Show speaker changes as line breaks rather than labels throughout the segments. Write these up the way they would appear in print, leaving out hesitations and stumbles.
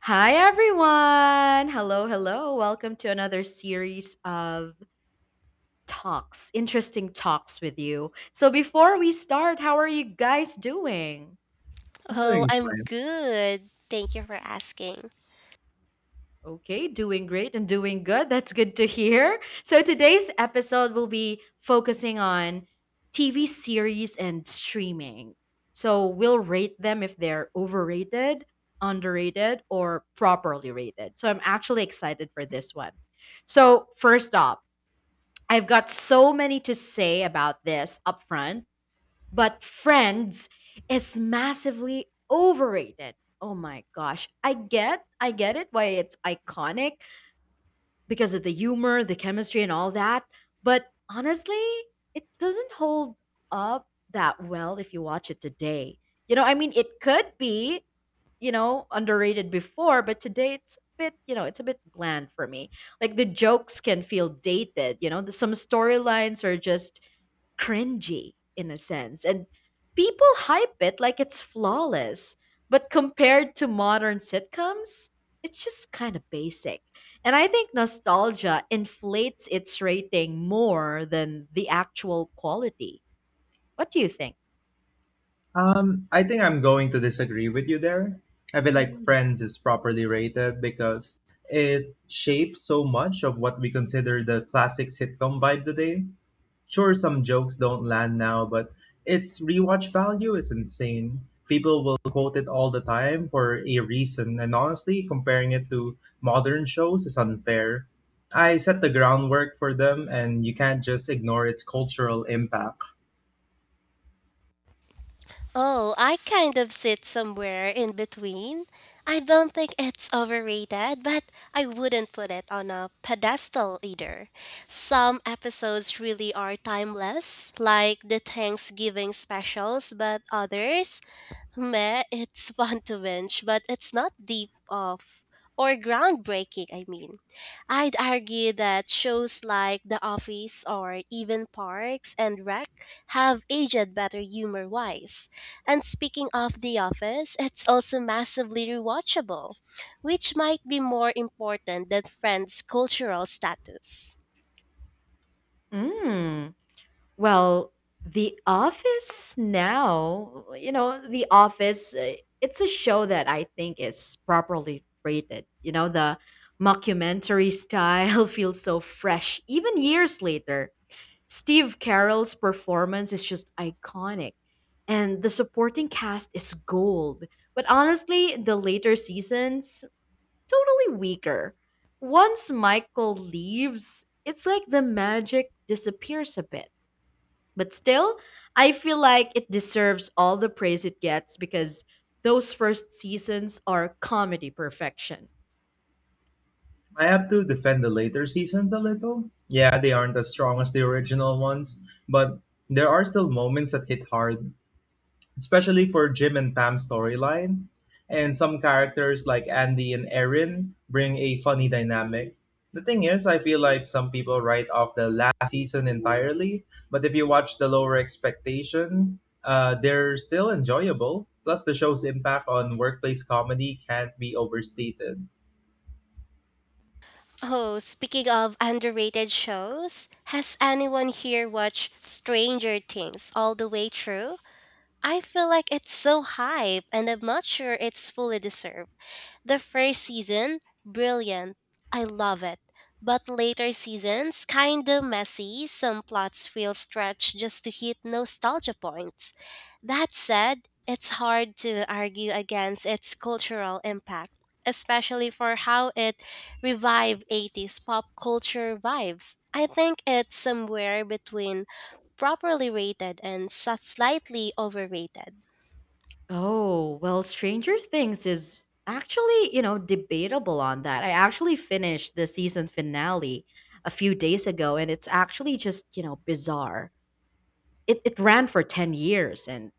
Hi, everyone. Hello, hello. Welcome to another series of talks, interesting talks with you. So, before we start, how are you guys doing?
I'm
Oh,
doing
I'm
fine.
good. Thank you for asking.
Okay, doing great and doing good. That's good to hear. So, today's episode will be focusing on TV series and streaming. So, we'll rate them if they're overrated, underrated, or properly rated. So, I'm actually excited for this one. So, first off, I've got so many to say about this upfront, but Friends is massively overrated. Oh my gosh. I get it why it's iconic, because of the humor, the chemistry, and all that. But honestly, it doesn't hold up that well if you watch it today. You know, I mean, it could be, underrated before, but today it's a bit, it's a bit bland for me. Like the jokes can feel dated, you know, the, some storylines are just cringy in a sense. And people hype it like it's flawless. But compared to modern sitcoms, it's just kind of basic. And I think nostalgia inflates its rating more than the actual quality. What do you think?
I think I'm going to disagree with you there. I feel like
Mm.
Friends is properly rated because it shapes so much of what we consider the classic sitcom vibe today. Sure, some jokes don't land now, but its rewatch value is insane. People will quote it all the time for a reason, and honestly, comparing it to modern shows is unfair. I set the groundwork for them, and you can't just ignore its cultural impact.
Oh, I kind of sit somewhere in between. I don't think it's overrated, but I wouldn't put it on a pedestal either. Some episodes really are timeless, like the Thanksgiving specials, but others meh, it's fun to binge, but it's not deep off or groundbreaking, I'd argue that shows like The Office or even Parks and Rec have aged better humor wise. And speaking of The Office, it's also massively rewatchable, which might be more important than Friends' cultural status.
Mm. Well, the Office now, you know, the Office, it's a show that I think is properly rated. You know, the mockumentary style feels so fresh, even years later. Steve Carell's performance is just iconic, and the supporting cast is gold. But honestly, the later seasons, totally weaker. Once Michael leaves, it's like the magic disappears a bit but still, I feel like it deserves all the praise it gets because those first seasons are comedy perfection.
I have to defend the later seasons a little. Yeah, they aren't as strong as the original ones, but there are still moments that hit hard, especially for Jim and Pam's storyline. And some characters like Andy and Erin bring a funny dynamic. The thing is, I feel like some people write off the last season entirely, but if you watch The Lower Expectation, they're still enjoyable. Plus, the show's impact on workplace comedy can't be overstated.
Oh, speaking of underrated shows, has anyone here watched Stranger Things all the way through? I feel like it's so hype and I'm not sure it's fully deserved. The first season, brilliant. I love it. But later seasons, kinda messy. Some plots feel stretched just to hit nostalgia points. That said, it's hard to argue against its cultural impact, especially for how it revived 80s pop culture vibes. I think it's somewhere between properly rated and slightly overrated.
Oh, well, Stranger Things is actually, you know, debatable on that. I actually finished the season finale a few days ago and it's actually just, you know, bizarre. It ran for 10 years and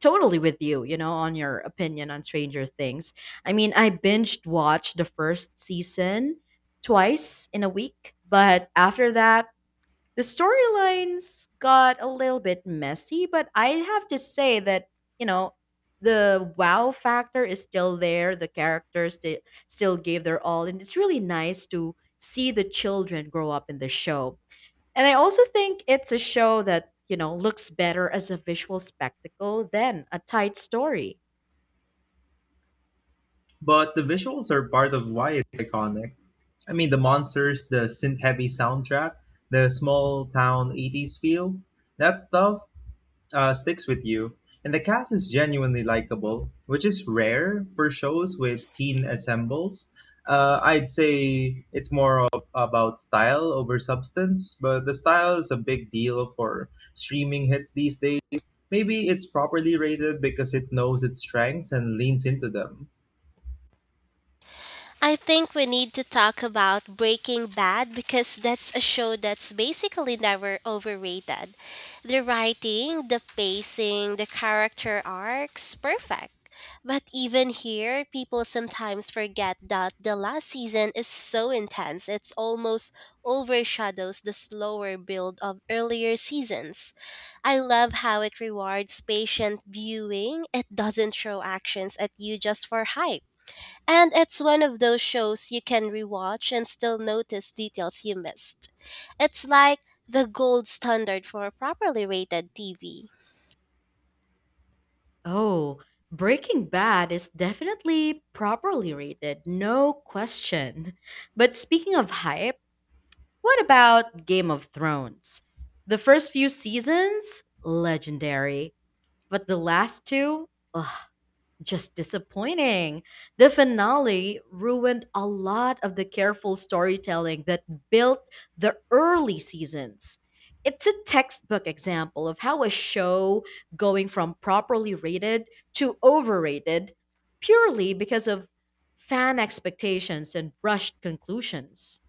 totally with you, you know, on your opinion on Stranger Things. I mean, I binged watched the first season twice in a week, but after that, the storylines got a little bit messy, but I have to say that, you know, the wow factor is still there. The characters they still gave their all, and it's really nice to see the children grow up in the show and I also think it's a show that, you know, looks better as a visual spectacle than a tight story.
But the visuals are part of why it's iconic. I mean, the monsters, the synth heavy soundtrack, the small town 80s feel, that stuff sticks with you. And the cast is genuinely likable, which is rare for shows with teen ensembles. I'd say it's more of, about style over substance, but the style is a big deal for streaming hits these days. Maybe it's properly rated because it knows its strengths and leans into them.
I think we need to talk about Breaking Bad because that's a show that's basically never overrated. The writing, the pacing, the character arcs, perfect. But even here, people sometimes forget that the last season is so intense, it's almost overshadows the slower build of earlier seasons. I love how it rewards patient viewing. It doesn't throw actions at you just for hype. And it's one of those shows you can rewatch and still notice details you missed. It's like the gold standard for properly rated TV.
Oh, Breaking Bad is definitely properly rated, no question. But speaking of hype, what about Game of Thrones? The first few seasons, legendary, but the last two, ugh, just disappointing. The finale ruined a lot of the careful storytelling that built the early seasons. It's a textbook example of how a show going from properly rated to overrated purely because of fan expectations and rushed conclusions.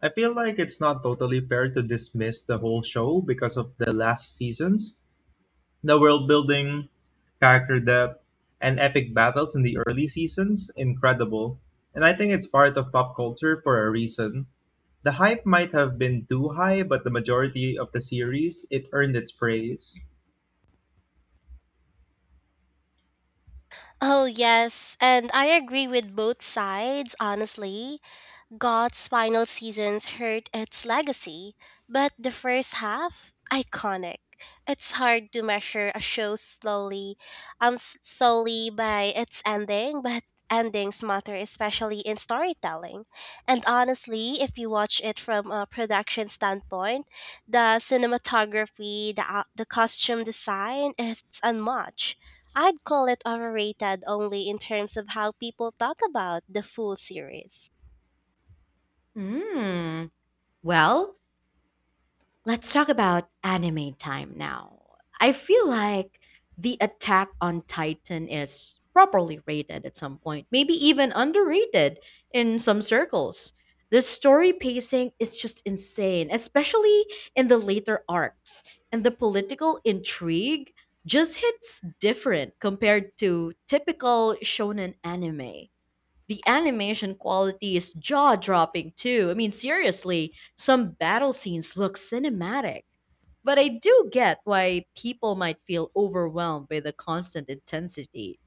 I feel like it's not totally fair to dismiss the whole show because of the last seasons. The world building, character depth, and epic battles in the early seasons, incredible. And I think it's part of pop culture for a reason. The hype might have been too high, but the majority of the series, it earned its praise.
Oh, yes, and I agree with both sides, honestly. God's final seasons hurt its legacy, but the first half, iconic. It's hard to measure a show slowly, solely by its ending, but endings matter, especially in storytelling. And honestly, if you watch it from a production standpoint, the cinematography, the costume design, it's unmatched. I'd call it overrated only in terms of how people thought about the full series.
Mm. Well, let's talk about anime time now. I feel like the Attack on Titan is properly rated at some point, maybe even underrated in some circles. The story pacing is just insane, especially in the later arcs, and the political intrigue just hits different compared to typical shonen anime the animation quality is jaw dropping too. I mean, seriously, some battle scenes look cinematic. But I do get why people might feel overwhelmed by the constant intensity.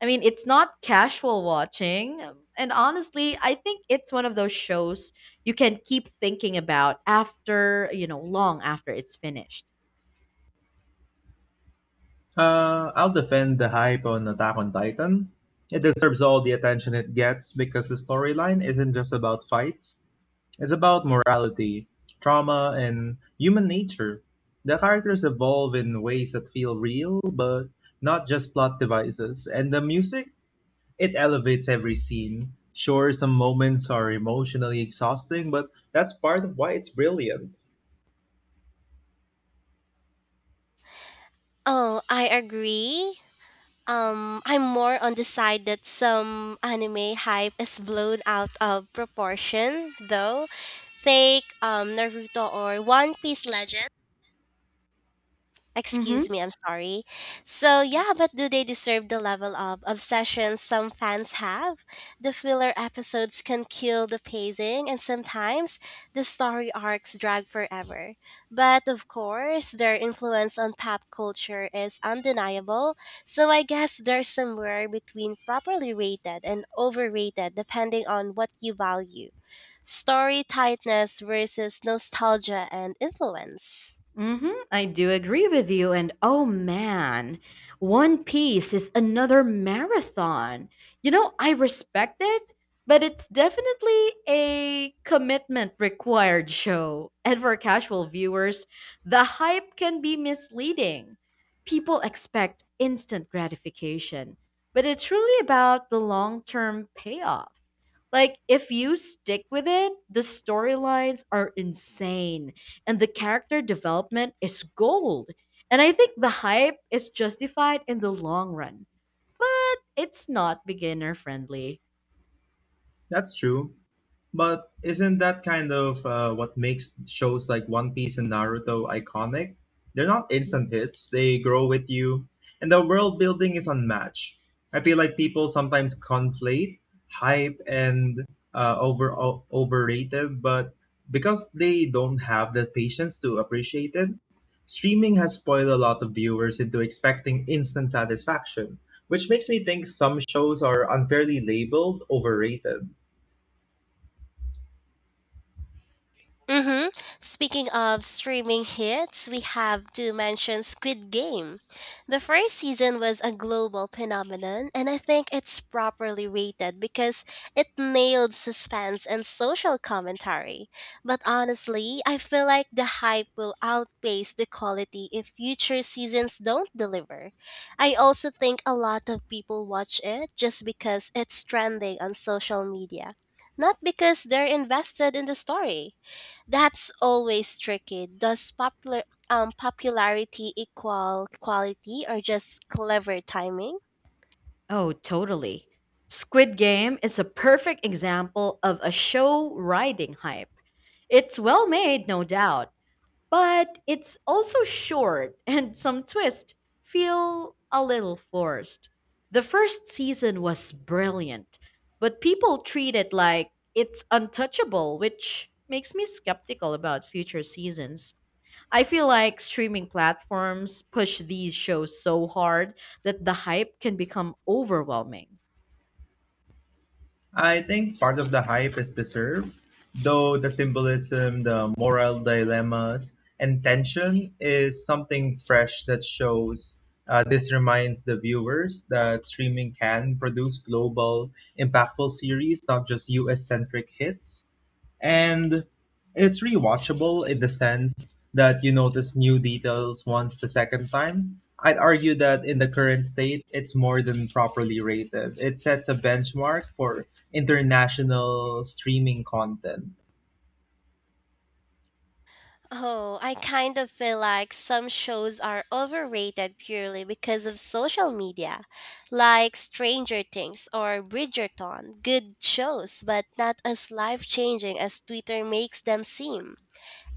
I mean, it's not casual watching. And honestly, I think it's one of those shows you can keep thinking about after, long after it's finished.
I'll defend the hype on Attack on Titan. It deserves all the attention it gets because the storyline isn't just about fights. It's about morality, trauma, and human nature. The characters evolve in ways that feel real, but not just plot devices. And the music, it elevates every scene. Sure, some moments are emotionally exhausting, but that's part of why it's brilliant.
Oh, I agree. I'm more on the side that some anime hype is blown out of proportion, though. Take Naruto or One Piece Legend.
Mm-hmm.
Excuse me, I'm sorry. So, yeah, but do they deserve the level of obsession some fans have? The filler episodes can kill the pacing, and sometimes the story arcs drag forever. But of course, their influence on pop culture is undeniable, so I guess they're somewhere between properly rated and overrated depending on what you value story tightness versus nostalgia and influence.
Hmm, I do agree with you. And oh man, One Piece is another marathon. You know, I respect it, but it's definitely a commitment required show. And for casual viewers, the hype can be misleading. People expect instant gratification, but it's really about the long term payoff. Like, if you stick with it, the storylines are insane and the character development is gold. And I think the hype is justified in the long run, but it's not beginner friendly.
That's true. But isn't that kind of what makes shows like One Piece and Naruto iconic? They're not instant hits, they grow with you, and the world building is unmatched. I feel like people sometimes conflate hype and overrated, but because they don't have the patience to appreciate it, streaming has spoiled a lot of viewers into expecting instant satisfaction, which makes me think some shows are unfairly labeled overrated.
Mm-hmm. Speaking of streaming hits, we have to mention Squid Game. The first season was a global phenomenon, and I think it's properly rated because it nailed suspense and social commentary. But honestly, I feel like the hype will outpace the quality if future seasons don't deliver. I also think a lot of people watch it just because it's trending on social media, not because they're invested in the story. That's always tricky. Does popularity equal quality or just clever timing?
Oh, totally. Squid Game is a perfect example of a show riding hype. It's well made, no doubt. But it's also short and some twists feel a little forced. The first season was brilliant, but people treat it like it's untouchable, which makes me skeptical about future seasons. I feel like streaming platforms push these shows so hard that the hype can become overwhelming.
I think part of the hype is deserved, though the symbolism, the moral dilemmas, and tension is something fresh that shows. This reminds the viewers that streaming can produce global, impactful series, not just US centric hits. And it's rewatchable in the sense that you notice new details once the second time. I'd argue that in the current state, it's more than properly rated. It sets a benchmark for international streaming content.
Oh, I kind of feel like some shows are overrated purely because of social media, like Stranger Things or Bridgerton. Good shows, but not as life changing as Twitter makes them seem.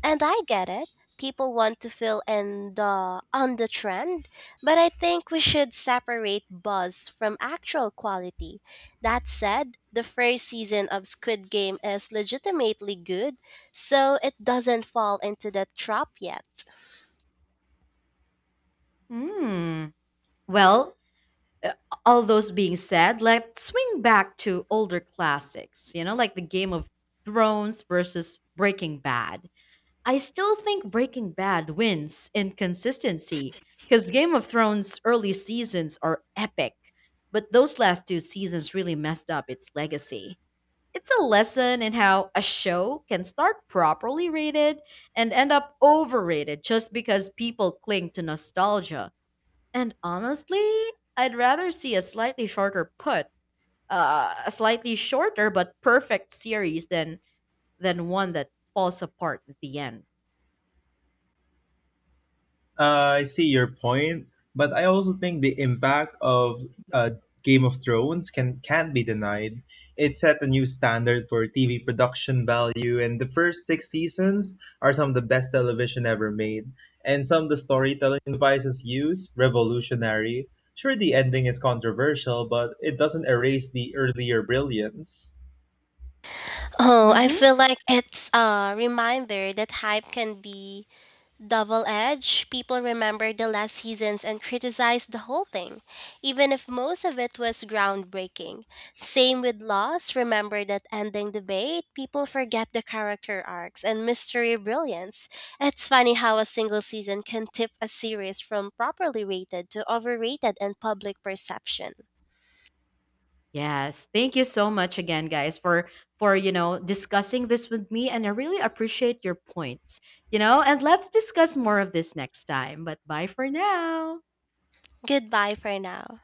And I get it. People want to feel on the trend, but I think we should separate buzz from actual quality. That said, the first season of Squid Game is legitimately good, so it doesn't fall into that trap yet.
Hmm. Well, uh, all those being said, let's swing back to older classics, you know, like the Game of Thrones versus Breaking Bad. I still think Breaking Bad wins in consistency because Game of Thrones' early seasons are epic, but those last two seasons really messed up its legacy. It's a lesson in how a show can start properly rated and end up overrated just because people cling to nostalgia. And honestly, I'd rather see a slightly shorter put, a slightly shorter but perfect series than one that falls apart at the end.
I see your point, but I also think the impact of uh, Game of Thrones can't be denied. It set a new standard for TV production value, and the first 6 seasons are some of the best television ever made. And some of the storytelling devices used, revolutionary. Sure, the ending is controversial, but it doesn't erase the earlier brilliance.
Oh, I
Mhm.
feel like it's a reminder that hype can be double edge, people remember the last seasons and criticize the whole thing, even if most of it was groundbreaking. Same with Lost, remember that ending debate, people forget the character arcs and mystery brilliance. It's funny how a single season can tip a series from properly rated to overrated in public perception.
Yes, thank you so much again, guys, for you know discussing this with me, and I really appreciate your points. You know, and let's discuss more of this next time. But bye for now.
Goodbye for now.